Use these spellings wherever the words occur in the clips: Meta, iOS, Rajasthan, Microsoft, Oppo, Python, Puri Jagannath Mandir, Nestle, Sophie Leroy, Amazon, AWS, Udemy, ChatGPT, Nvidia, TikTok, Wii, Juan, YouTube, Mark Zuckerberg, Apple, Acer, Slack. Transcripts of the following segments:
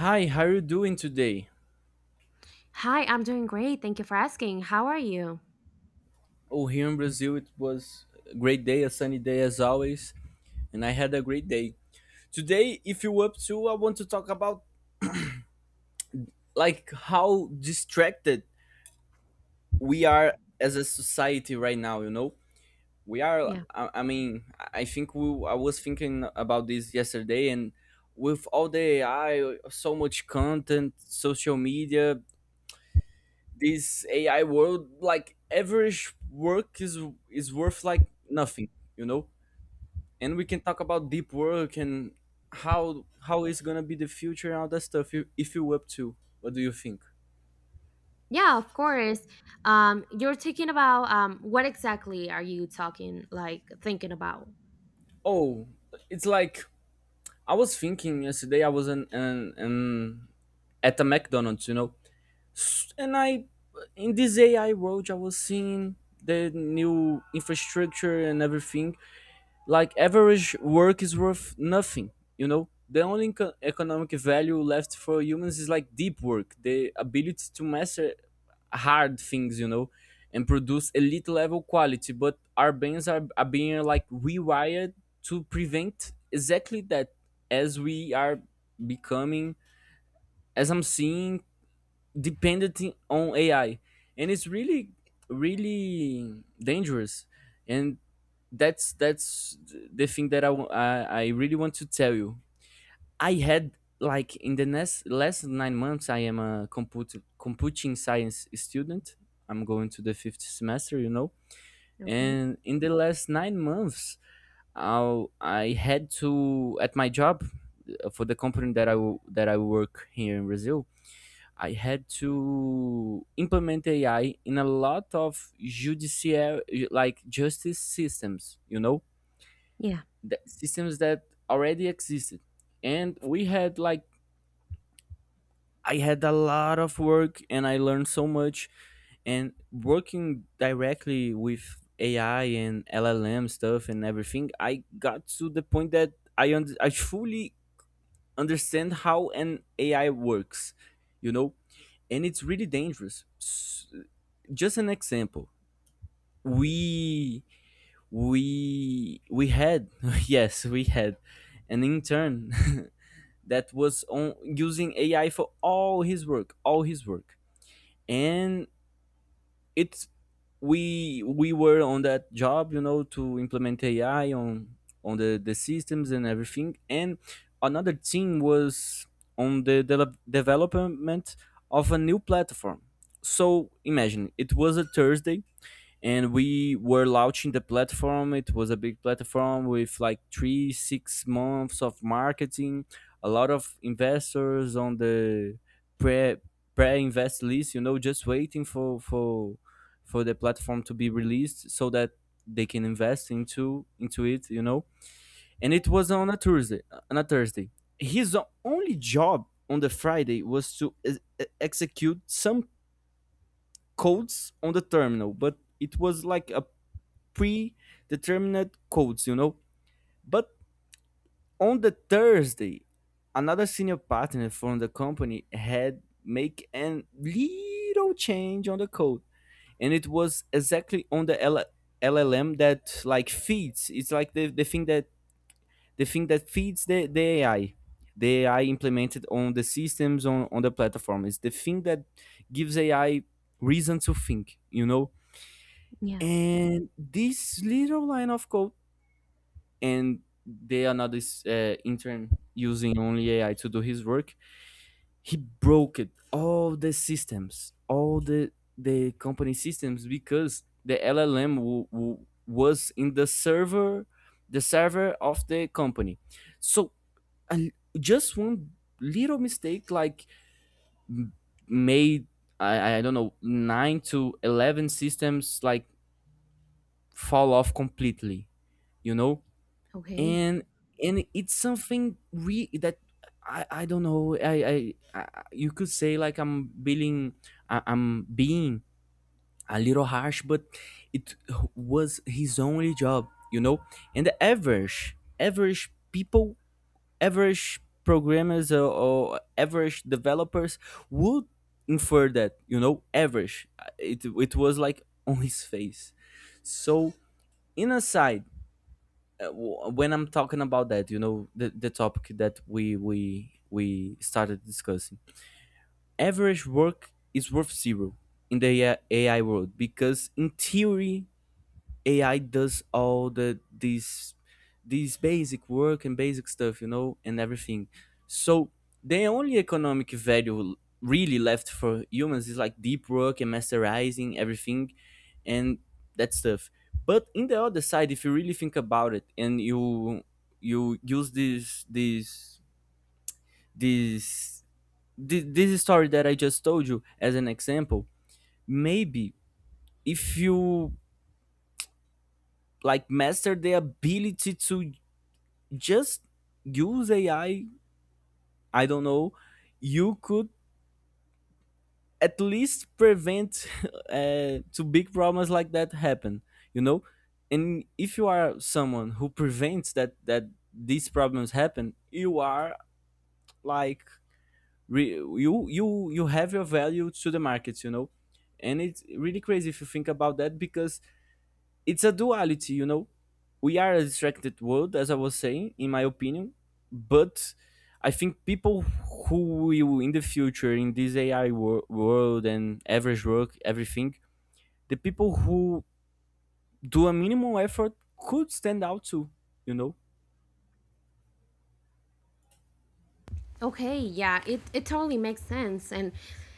Hi, how are you doing today? Hi, I'm doing great. Thank you for asking. How are you? Oh, here in Brazil, it was a great day, a sunny day as always, and I had a great day. Today, if you're up to, I want to talk about like how distracted we are as a society right now. You know, we are. Yeah. I mean, I think we. I was thinking about this yesterday, and with all the AI, so much content, social media, this AI world, like average work is worth like nothing. You know, and we can talk about deep work and how it's gonna be the future and all that stuff if you up to, what do you think? Yeah, of course. You're thinking about what exactly are you talking like thinking about? Oh, it's like, I was thinking yesterday, I was in at a McDonald's, you know, and I, in this AI world, I was seeing the new infrastructure and everything, like average work is worth nothing, you know. The only economic value left for humans is like deep work, the ability to master hard things, you know, and produce elite level quality. But our brains are being like rewired to prevent exactly that, as we are becoming, as I'm seeing, dependent on AI, and it's really really dangerous. And that's the thing that I really want to tell you. I had, like, in the next last 9 months, I am a computer computing science student. I'm going to the fifth semester, you know. Okay. And in the last 9 months, I had to, at my job, for the company that that I work here in Brazil. I had to implement AI in a lot of judicial, like justice systems, you know, Yeah. the systems that already existed, and we had like, I had a lot of work and I learned so much. And working directly with AI and LLM stuff and everything, I got to the point that I fully understand how an AI works, you know, and it's really dangerous. Just an example, we we had yes, we had an intern that was on using AI for all his work, all his work. And it's, we were on that job, you know, to implement AI on the systems and everything. And another team was on the development of a new platform. So imagine, it was a Thursday and we were launching the platform. It was a big platform with like three 6 months of marketing, a lot of investors on the pre pre-invest list, you know, just waiting for the platform to be released so that they can invest into it, you know. And it was on a Thursday. on a thursday his only job on the Friday was to execute some codes on the terminal, but it was like a predetermined codes, you know. But on the Thursday, another senior partner from the company had make a little change on the code, and it was exactly on the LLM that like feeds. It's like the thing that feeds the AI. The AI implemented on the systems on the platform is the thing that gives AI reason to think, you know. Yeah. And this little line of code, and the another, intern using only AI to do his work, he broke it, all the systems, all the company systems, because the LLM was in the server of the company. So, uh, just one little mistake, like, m- made, I don't know, 9 to 11 systems, like, fall off completely, you know. Okay. And and it's something, re that, I don't know, I you could say like I'm being, I'm being a little harsh, but it was his only job, you know. And the average people, average programmers or average developers would infer that, you know, average, it was like on his face. So, in a side, when I'm talking about that, you know, the topic that we started discussing, average work is worth zero in the AI world, because in theory AI does all these basic work and basic stuff, you know, and everything. So the only economic value really left for humans is like deep work and masterizing everything and that stuff. But in the other side, if you really think about it, and you use this this story that I just told you as an example. Maybe if you like master the ability to just use AI, I don't know, you could at least prevent to big problems like that happen, you know. And if you are someone who prevents that these problems happen, you are, like, you you have your value to the market, you know. And it's really crazy if you think about that, because it's a duality, you know. We are a distracted world, as I was saying, in my opinion, but I think people who will, in the future, in this AI world, and average work, everything, the people who do a minimal effort could stand out too, you know. Okay, yeah, it totally makes sense. And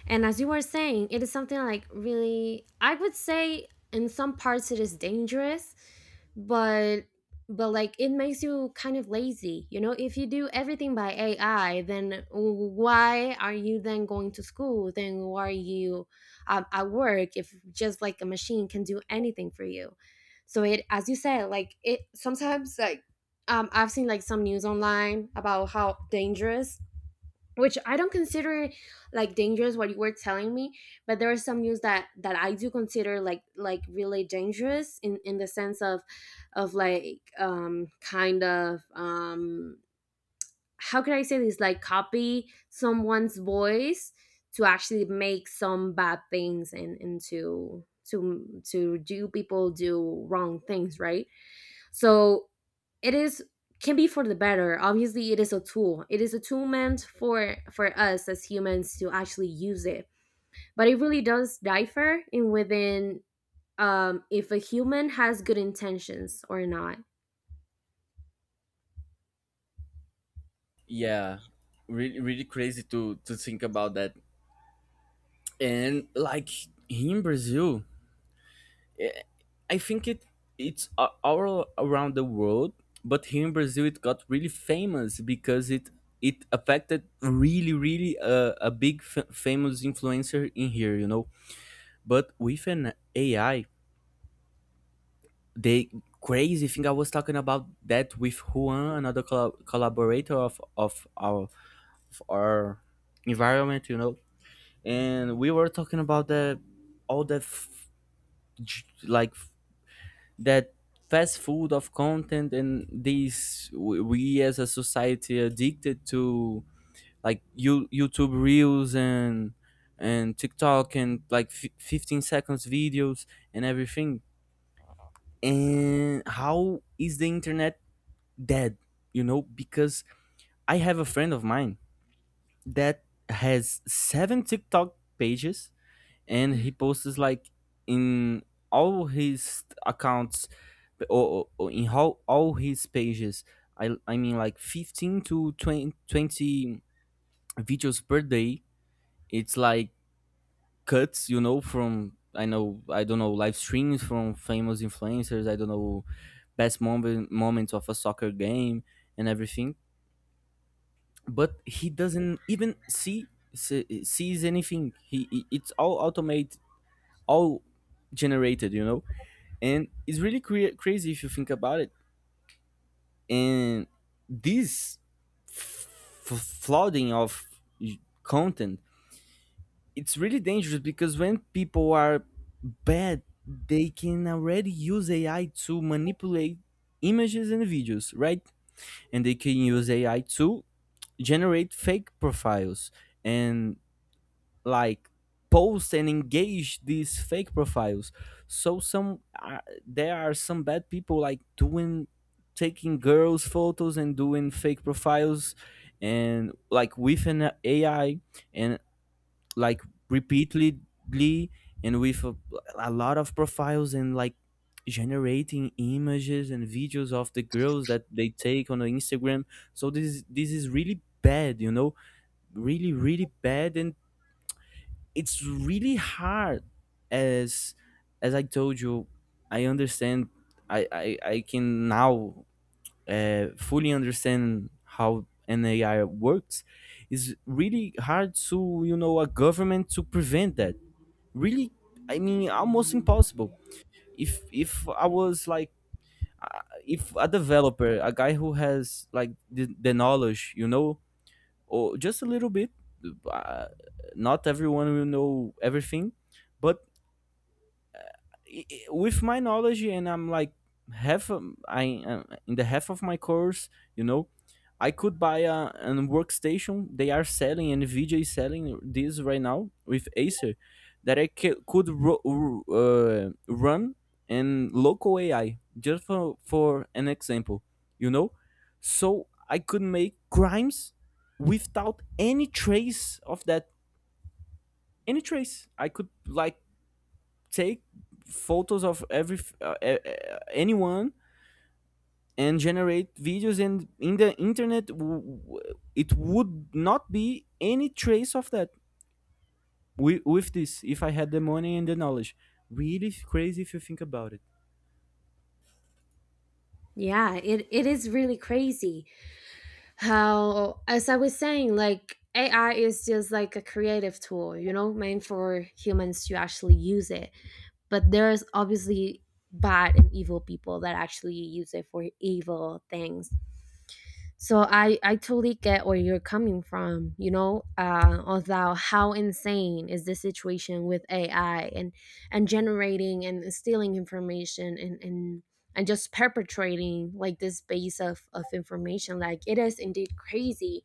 and as you were saying, it is something like really I would say in some parts it is dangerous, but but like it makes you kind of lazy. You know, if you do everything by AI, then why are you then going to school? Then why are you at work if just like a machine can do anything for you? So it as you said, like it sometimes like I've seen like some news online about how dangerous, which I don't consider like dangerous what you were telling me, but there are some news that I do consider like really dangerous in the sense of like kind of how could I say this, like copy someone's voice to actually make some bad things and and to do people do wrong things, right? So it is, can be for the better. Obviously it is a tool, it is a tool meant for us as humans to actually use it, but it really does differ in within, if a human has good intentions or not. Yeah, really really crazy to think about that. And like, here in Brazil, I think all around the world, but here in Brazil it got really famous, because it affected, really really, a big, famous influencer in here, you know. But with an AI, the crazy thing, I was talking about that with Juan, another collaborator of our environment, you know. And we were talking about the, like, that fast food of content, and these, we, as a society, addicted to, like, YouTube reels and TikTok, and like, 15 seconds videos and everything. And how is the internet dead, you know? Because I have a friend of mine that has seven TikTok pages, and he posts like, in all his accounts, or in all his pages, I mean, like 15 to 20 videos per day. It's like cuts, you know, from, I don't know, live streams from famous influencers, I don't know, best moments of a soccer game and everything. But he doesn't even sees anything. It's all automated, all generated, you know. And it's really crazy if you think about it. And this, f- flooding of content, it's really dangerous, because when people are bad they can already use AI to manipulate images and videos, right? And they can use AI to generate fake profiles, and like post and engage these fake profiles. So, some there are some bad people like doing, taking girls photos and doing fake profiles, and like, with an AI, and like, repeatedly, and with a lot of profiles, and like generating images and videos of the girls that they take on the Instagram. So this is, really bad, you know, really really bad. And it's really hard. As as I told you, I understand. I can now, fully understand how an AI works. It's really hard to, you know, a government to prevent that. Really, I mean, almost impossible. If I was like, if a developer, a guy who has like the knowledge, you know, or just a little bit, uh, not everyone will know everything. But with my knowledge, and I'm like half, I am in the half of my course, you know. I could buy a an workstation they are selling, and Nvidia is selling this right now with Acer, that could, run in local AI, just for an example, you know. So I could make crimes without any trace of that, any trace. I could like take photos of every anyone, and generate videos, and in the internet, it would not be any trace of that, with this, if I had the money and the knowledge. Really crazy if you think about it. Yeah, it is really crazy how, as I was saying, like AI is just like a creative tool, you know, meant for humans to actually use it, but there's obviously bad and evil people that actually use it for evil things. So I totally get where you're coming from, you know, although how insane is the situation with AI and generating and stealing information, and just perpetrating like this base of information. Like it is indeed crazy.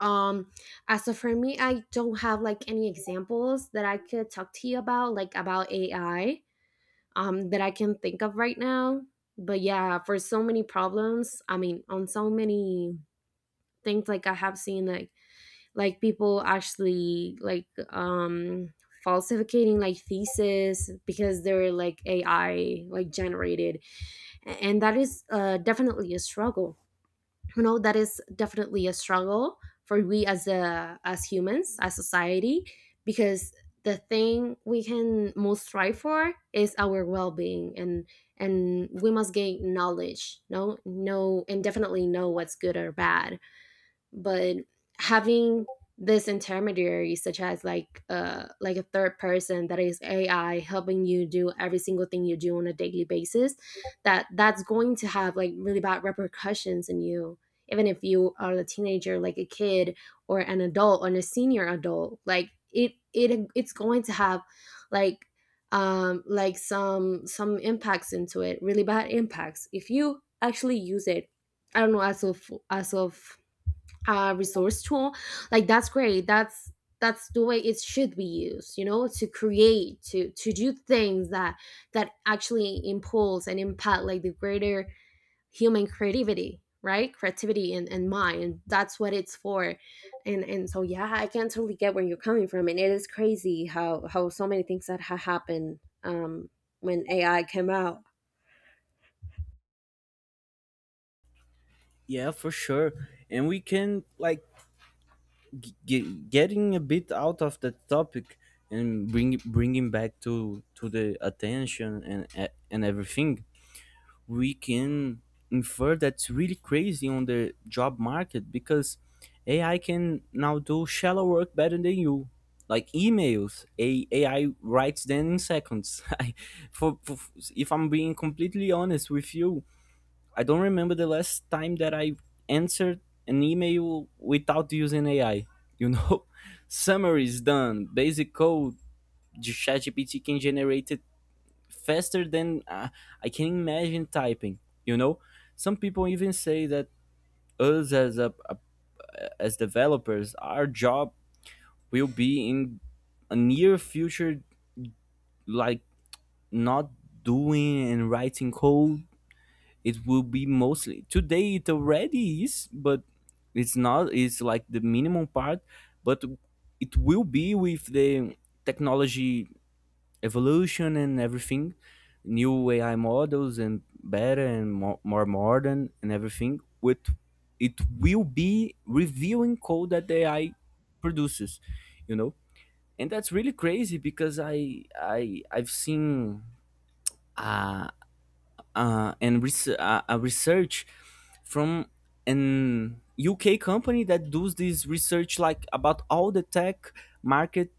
Um, as of for me, I don't have like any examples that I could talk to you about, like about AI, that I can think of right now. But yeah, for so many problems, I mean, on so many things like I have seen like people actually like falsificating like thesis because they're like AI like generated. And that is definitely a struggle, you know, that is definitely a struggle for we as a, as humans, as society, because the thing we can most strive for is our well-being and we must gain knowledge, no, and definitely know what's good or bad. But having this intermediary such as like a third person that is AI helping you do every single thing you do on a daily basis, that that's going to have like really bad repercussions in you, even if you are a teenager, like a kid or an adult or a senior adult. It's going to have like like some impacts into it, really bad impacts if you actually use it. I don't know, as of, resource tool like that's great. That's the way it should be used, you know, to create, to do things that that actually impulse and impact like the greater human creativity, right? Creativity and mind. And that's what it's for. And so yeah, I can totally get where you're coming from, and it is crazy how so many things that happened um when AI came out. Yeah, for sure. And we can like, getting a bit out of the topic, and bringing back to the attention and everything, we can infer that's really crazy on the job market, because AI can now do shallow work better than you. Like emails, a AI writes them in seconds. For, if I'm being completely honest with you, I don't remember the last time that I answered an email without using AI. You know, summary is done, basic code, ChatGPT can generate faster than, I can imagine typing. You know, some people even say that us as as developers, our job will be in a near future, like not doing and writing code. It will be mostly today. It already is, but it's not. It's like the minimum part, but it will be with the technology evolution and everything, new AI models and better and more modern and everything, with it will be reviewing code that the AI produces, you know, and that's really crazy because I've seen. uh, a research from an UK company that does this research like about all the tech market,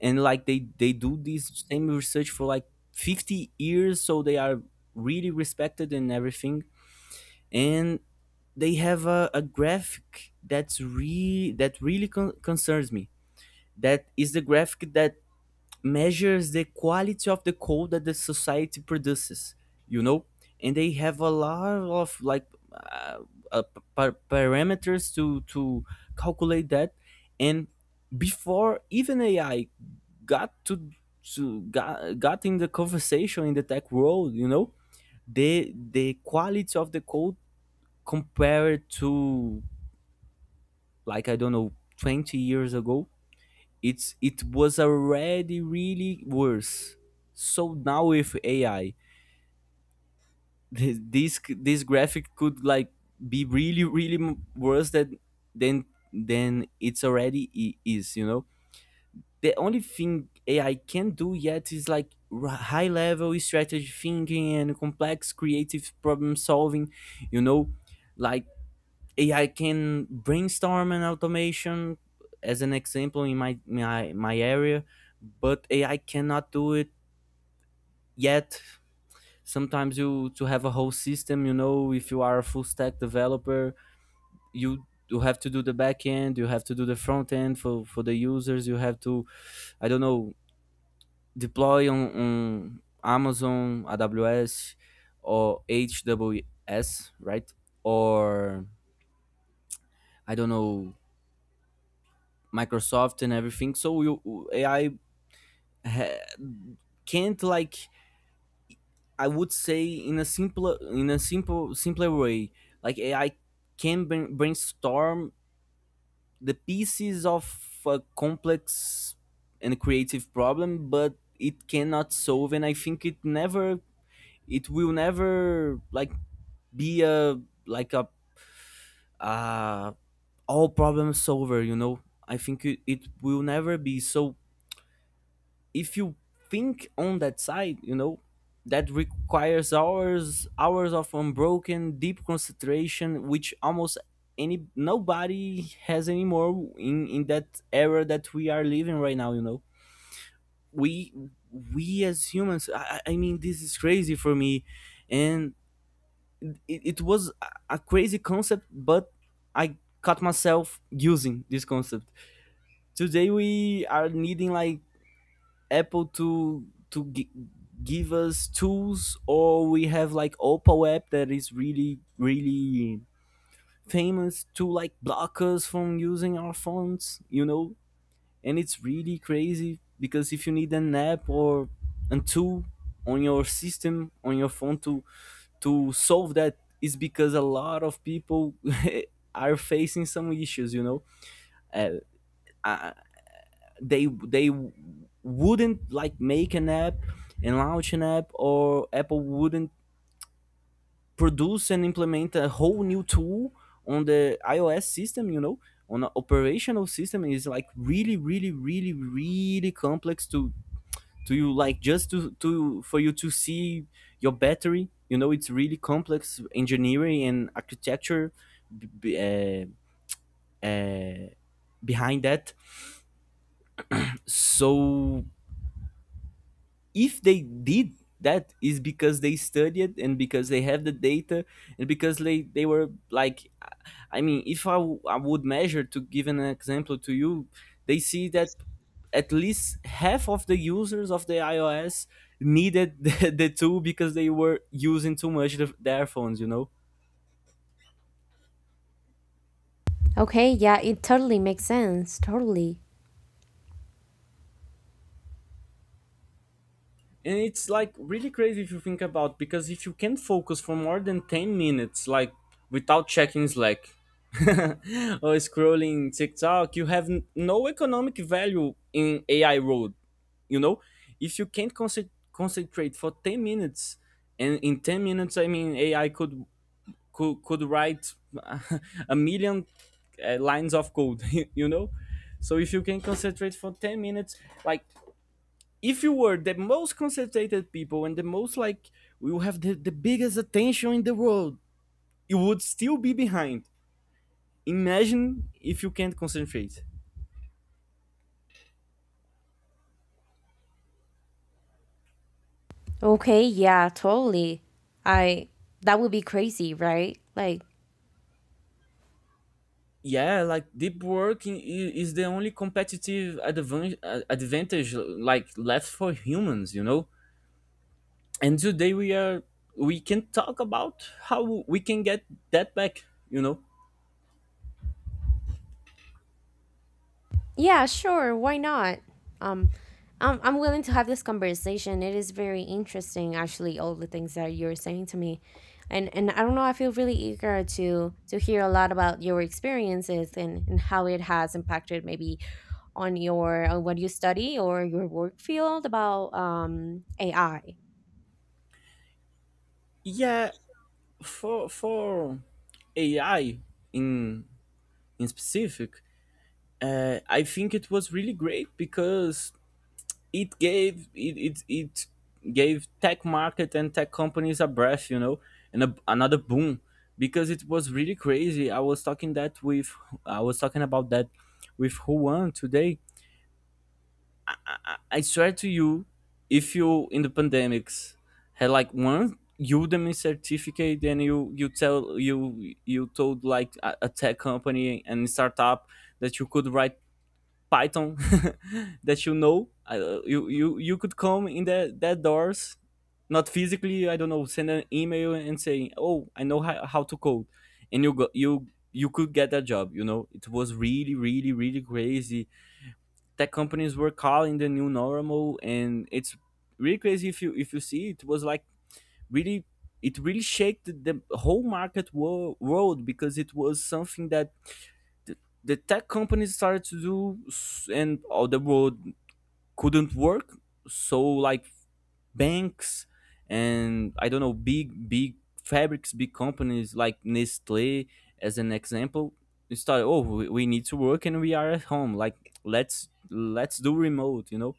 and like they do this same research for like 50 years, so they are really respected and everything. And they have a graphic that really concerns me, that is the graphic that measures the quality of the code that the society produces, you know. And they have a lot of like uh, uh, parameters to calculate that. And before even AI got got in the conversation in the tech world, you know, the quality of the code compared to, like, I don't know, 20 years ago, it was already really worse. So now with AI, this graphic could like be really really worse than than than it's already is, you know. The only thing AI can do yet is like high level strategy thinking and complex creative problem solving, you know. Like AI can brainstorm an automation as an example in my area, but AI cannot do it yet. Sometimes you to have a whole system, you know, if you are a full stack developer, you have to do the back end, you have to do the front end for the users, you have to, I don't know, deploy on Amazon, AWS or HWS, right? Or I don't know, Microsoft and everything. So you AI ha- can't, like, I would say in a simpler in a simpler way, like AI can brainstorm the pieces of a complex and creative problem, but it cannot solve. And I think it never, it will never like be a, like a, uh, all problem solver. You know, I think it will never be. So if you think on that side, you know, that requires hours of unbroken deep concentration, which almost any nobody has anymore in that era that we are living right now. You know, we as humans, I mean, this is crazy for me, and it was a crazy concept, but I caught myself using this concept. Today we are needing like Apple to to gi- give us tools, or we have like Oppo app that is really really famous to like block us from using our phones, you know. And it's really crazy because if you need an app or a tool on your system on your phone to solve that is because a lot of people are facing some issues, you know. Uh, I, they wouldn't like make an app and launch an app, or Apple wouldn't produce and implement a whole new tool on the iOS system, you know. On an operational system is like really really really really complex to you like just to for you to see your battery, you know. It's really complex engineering and architecture b- b- uh, uh, behind that. So if they did that is because they studied and because they have the data and because they were like, I mean, if I would measure to give an example to you, they see that at least half of the users of the iOS needed the tool because they were using too much their phones, you know. Okay, yeah, it totally makes sense, totally. And it's like really crazy if you think about, because if you can focus for more than 10 minutes like without checking Slack or scrolling TikTok, you have no economic value in AI road, you know. If you can't concentrate for 10 minutes, and in 10 minutes, I mean, AI could could write a million lines of code, you know. So if you can concentrate for 10 minutes, like, if you were the most concentrated people and the most like, we will have the biggest attention in the world, you would still be behind. Imagine if you can't concentrate. Okay, yeah, totally. I, that would be crazy, right? Like, Yeah, like deep work is the only competitive advantage like left for humans, you know. And today we are, we can talk about how we can get that back, you know. yeah, sure, why not? Um I'm willing to have this conversation. It is very interesting, actually, all the things that you're saying to me. And I don't know, I feel really eager to hear a lot about your experiences and how it has impacted maybe on your, on what you study or your work field about AI. Yeah, for AI in in specific, I think it was really great because it gave tech market and tech companies a breath, you know, and another boom, because it was really crazy. I was talking that with, I was talking about that with Juan today. I swear to you, if you in the pandemics had like one Udemy certificate, then you tell you you told like a tech company and startup that you could write Python, that you know, you could come in the that doors, not physically, I don't know, send an email and saying, oh, I know how to code, and you you could get that job, you know. It was really really really crazy. Tech companies were calling the new normal, and it's really crazy if you, if you see, it was like really, it really shaked the whole world, because it was something that the the tech companies started to do and all the world couldn't work. So like banks and, I don't know, big fabrics, big companies like Nestle as an example. They started, oh, we need to work and we are at home, like, let's do remote, you know,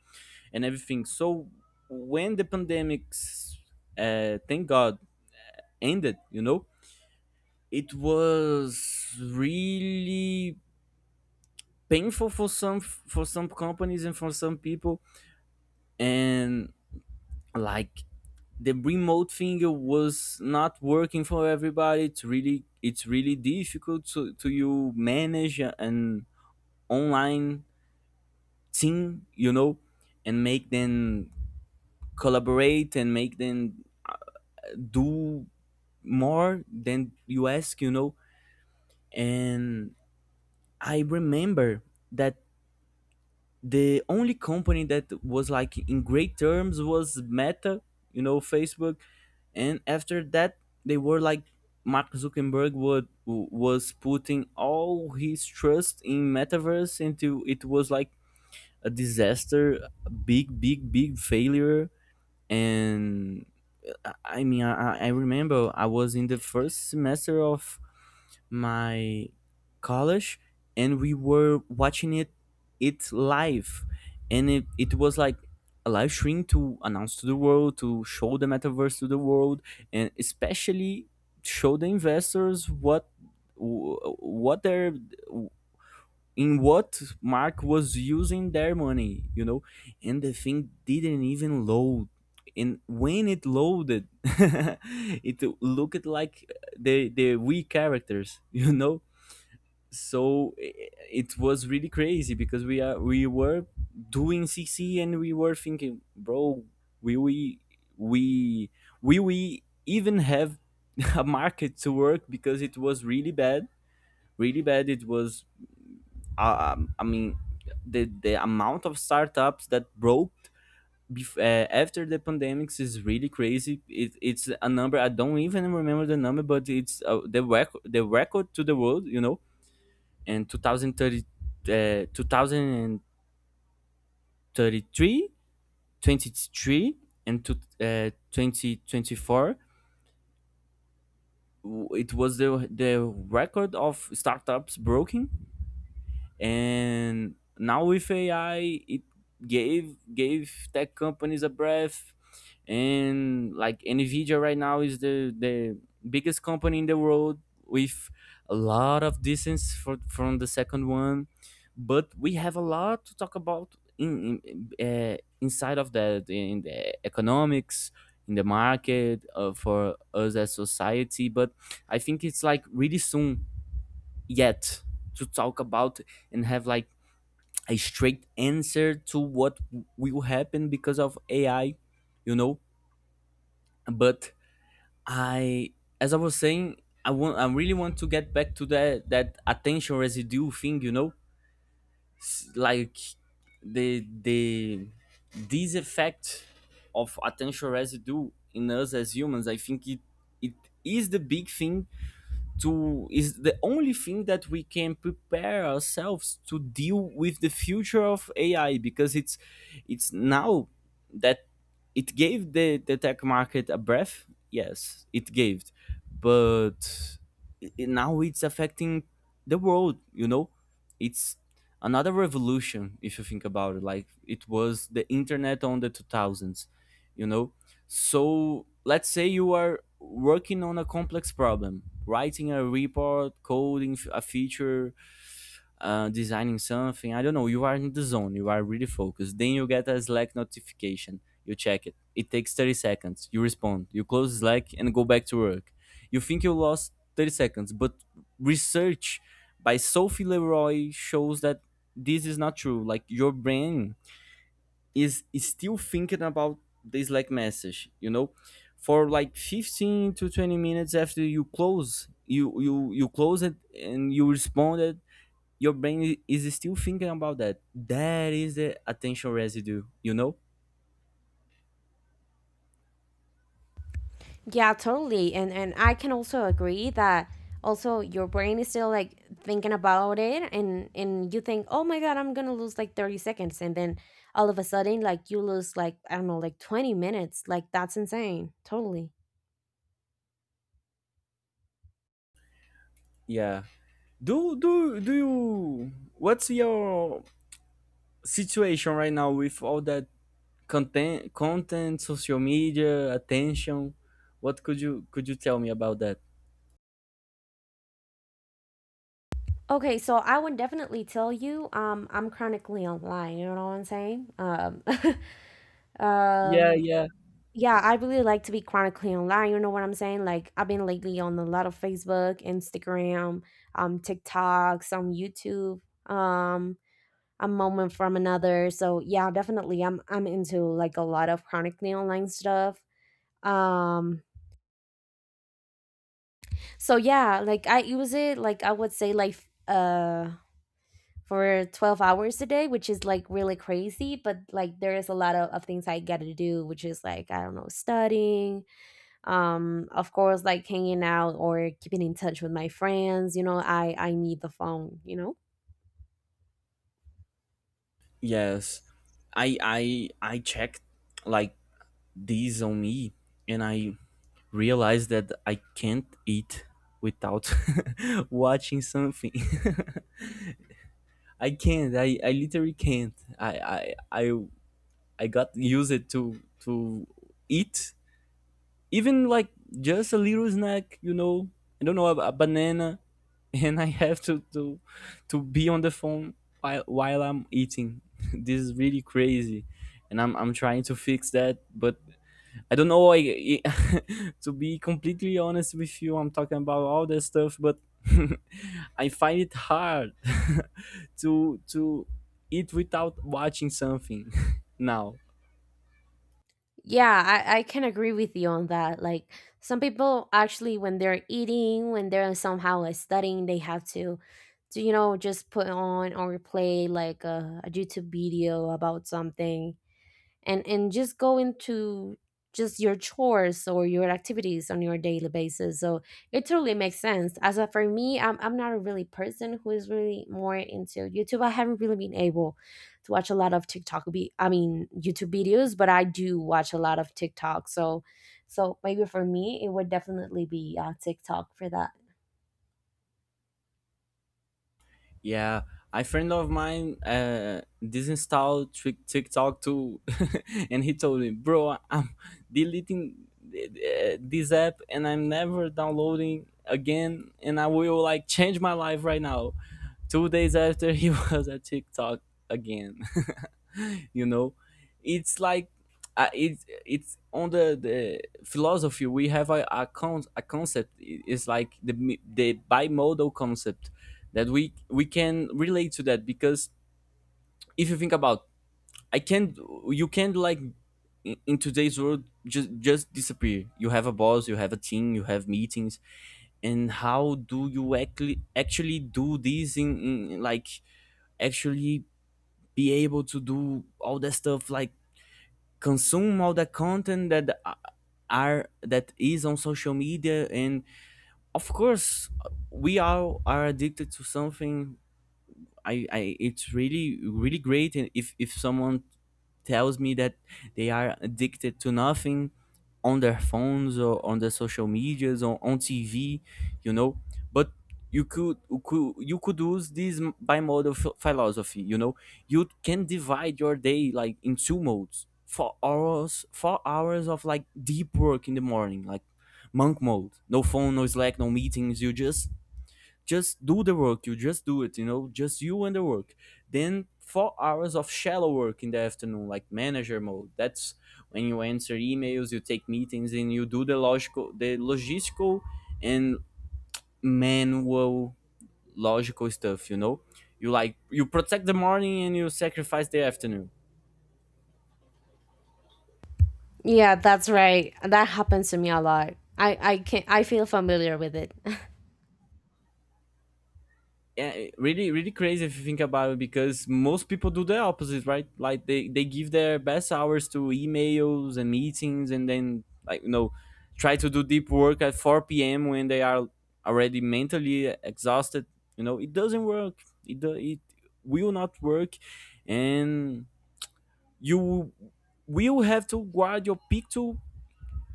and everything. So when the pandemics thank god ended, you know, it was really painful for some companies and for some people. And like the remote thing was not working for everybody. It's really, it's really difficult to you manage an online team, you know, and make them collaborate and make them do more than you ask, you know. And I remember that the only company that was like in great terms was Meta, you know, Facebook. And after that, they were like, Mark Zuckerberg was putting all his trust in metaverse, into, it was like a disaster, a big, big failure. And I mean, I remember I was in the first semester of my college, and we were watching it live, and it was like a live stream to announce to the world, to show the metaverse to the world, and especially show the investors what what their in what Mark was using their money, you know. And the thing didn't even load, and when it loaded, it looked like the Wii characters, you know. So it was really crazy because we were doing CC and we were thinking, bro, will we, will we even have a market to work, because it was really bad, really bad. It was I mean, the amount of startups that broke after the pandemics is really crazy. It's a number I don't even remember the number, but it's the record to the world, you know. And 2030, 2033, and to, 2024, it was the record of startups broken. And now with AI, it gave tech companies a breath, and like Nvidia right now is the biggest company in the world with a lot of distance from the second one. But we have a lot to talk about in inside of that in the economics. In the market for us as society, but I think it's like really soon yet to talk about and have like a straight answer to what will happen because of AI, you know. But I, as I was saying, I really want to get back to that attention residue thing, you know. Like the this effect of attention residue in us as humans. I think it it is the big thing to, is the only thing that we can prepare ourselves to deal with the future of AI because it's now that it gave the tech market a breath. Yes, it gave, but now it's affecting the world. You know, it's another revolution if you think about it. Like it was the internet on the two thousands. You know, so let's say you are working on a complex problem, writing a report, coding a feature, designing something. I don't know. You are in the zone. You are really focused. Then you get a Slack notification. You check it. It takes 30 seconds. You respond. You close Slack and go back to work. You think you lost 30 seconds, but research by Sophie Leroy shows that this is not true. Like your brain is still thinking about the Slack message, you know? For like 15 to 20 minutes after you close, you close it and you responded, your brain is still thinking about that. That is the attention residue, you know? Yeah, totally. And I can also agree that also your brain is still like thinking about it, and you think, "Oh my god, I'm going to lose like 30 seconds." And then all of a sudden like you lose like I don't know, like 20 minutes. Like that's insane. Totally. Yeah. Do you what's your situation right now with all that content, social media, attention? What could you tell me about that? Okay, so I would definitely tell you, I'm chronically online, you know what I'm saying? Yeah, um yeah. Yeah, I really like to be chronically online. You know what I'm saying? Like I've been lately on a lot of Facebook, Instagram, TikTok, some YouTube, um, a moment from another. So yeah, definitely I'm into like a lot of chronically online stuff. Um so yeah, like I use it like I would say like for 12 hours a day, which is like really crazy, but like there is a lot of things I gotta do, which is like, I don't know, studying, of course, like hanging out or keeping in touch with my friends. You know, I need the phone, you know? Yes, I checked like these on me, and I realized that I can't eat without watching something. I can't. I literally can't. I got used to eat even like just a little snack, you know, I don't know a banana, and I have to be on the phone while I'm eating. This is really crazy, and I'm trying to fix that, but I don't know. To be completely honest with you, I'm talking about all that stuff, but I find it hard to eat without watching something now. Yeah, I can agree with you on that. Like some people actually when they're eating, when they're somehow like studying, they have to you know, just put on or play like a YouTube video about something and just go into, just your chores or your activities on your daily basis. So it totally makes sense. As a, for me, I'm not a really person who is really more into YouTube. I haven't really been able to watch a lot of tiktok be I mean YouTube videos, but I do watch a lot of TikTok. So so maybe for me it would definitely be TikTok for that. Yeah, a friend of mine disinstalled TikTok too, and he told me, "Bro, I'm deleting this app, and I'm never downloading again, and I will like change my life right now." 2 days after, he was at TikTok again. You know, it's like it's on the philosophy. We have a concept. It's like the bimodal concept that we can relate to that because if you think about I can't you can't like in today's world just disappear. You have a boss, you have a team, you have meetings, and how do you actually do this in like actually be able to do all that stuff, like consume all the content are that is on social media. And of course, we all are addicted to something. I It's really really great. And if someone tells me that they are addicted to nothing on their phones or on their social medias or on TV, you know. But you could you could use this bimodal philosophy, you know. You can divide your day like in two modes. 4 hours, 4 hours of like deep work in the morning, like monk mode. No phone, no Slack, no meetings. You just do the work. You just do it. You know, just you and the work. Then 4 hours of shallow work in the afternoon, like manager mode. That's when you answer emails, you take meetings, and you do the logical, the logistical, and manual logical stuff. You know, you like you protect the morning and you sacrifice the afternoon. Yeah, that's right, that happens to me a lot. I can, I feel familiar with it. Yeah, really, really crazy if you think about it, because most people do the opposite, right? Like they give their best hours to emails and meetings, and then like you know, try to do deep work at 4 p.m. when they are already mentally exhausted. You know, it doesn't work. It will not work, and you will have to guard your peak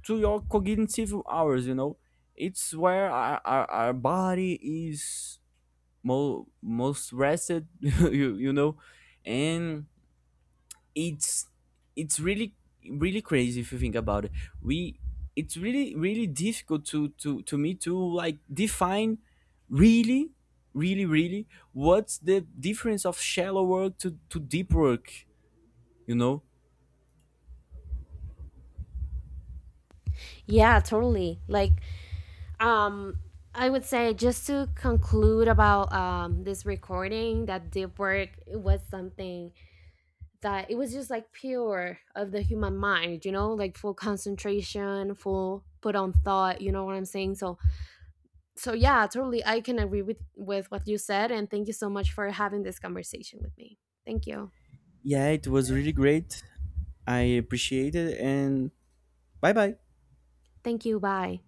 to your cognitive hours. You know, it's where our body is most rested. You know, and it's it's really really crazy if you think about it. We It's really really difficult to me to like define really really what's the difference of shallow work to deep work, you know. Yeah, totally. Like um I would say just to conclude about this recording, that deep work, it was something that it was just like pure of the human mind, you know, like full concentration, full put on thought, you know what I'm saying? So so yeah, totally I can agree with what you said, and thank you so much for having this conversation with me. Thank you. Yeah, it was really great. I appreciate it, and bye bye. Thank you, bye.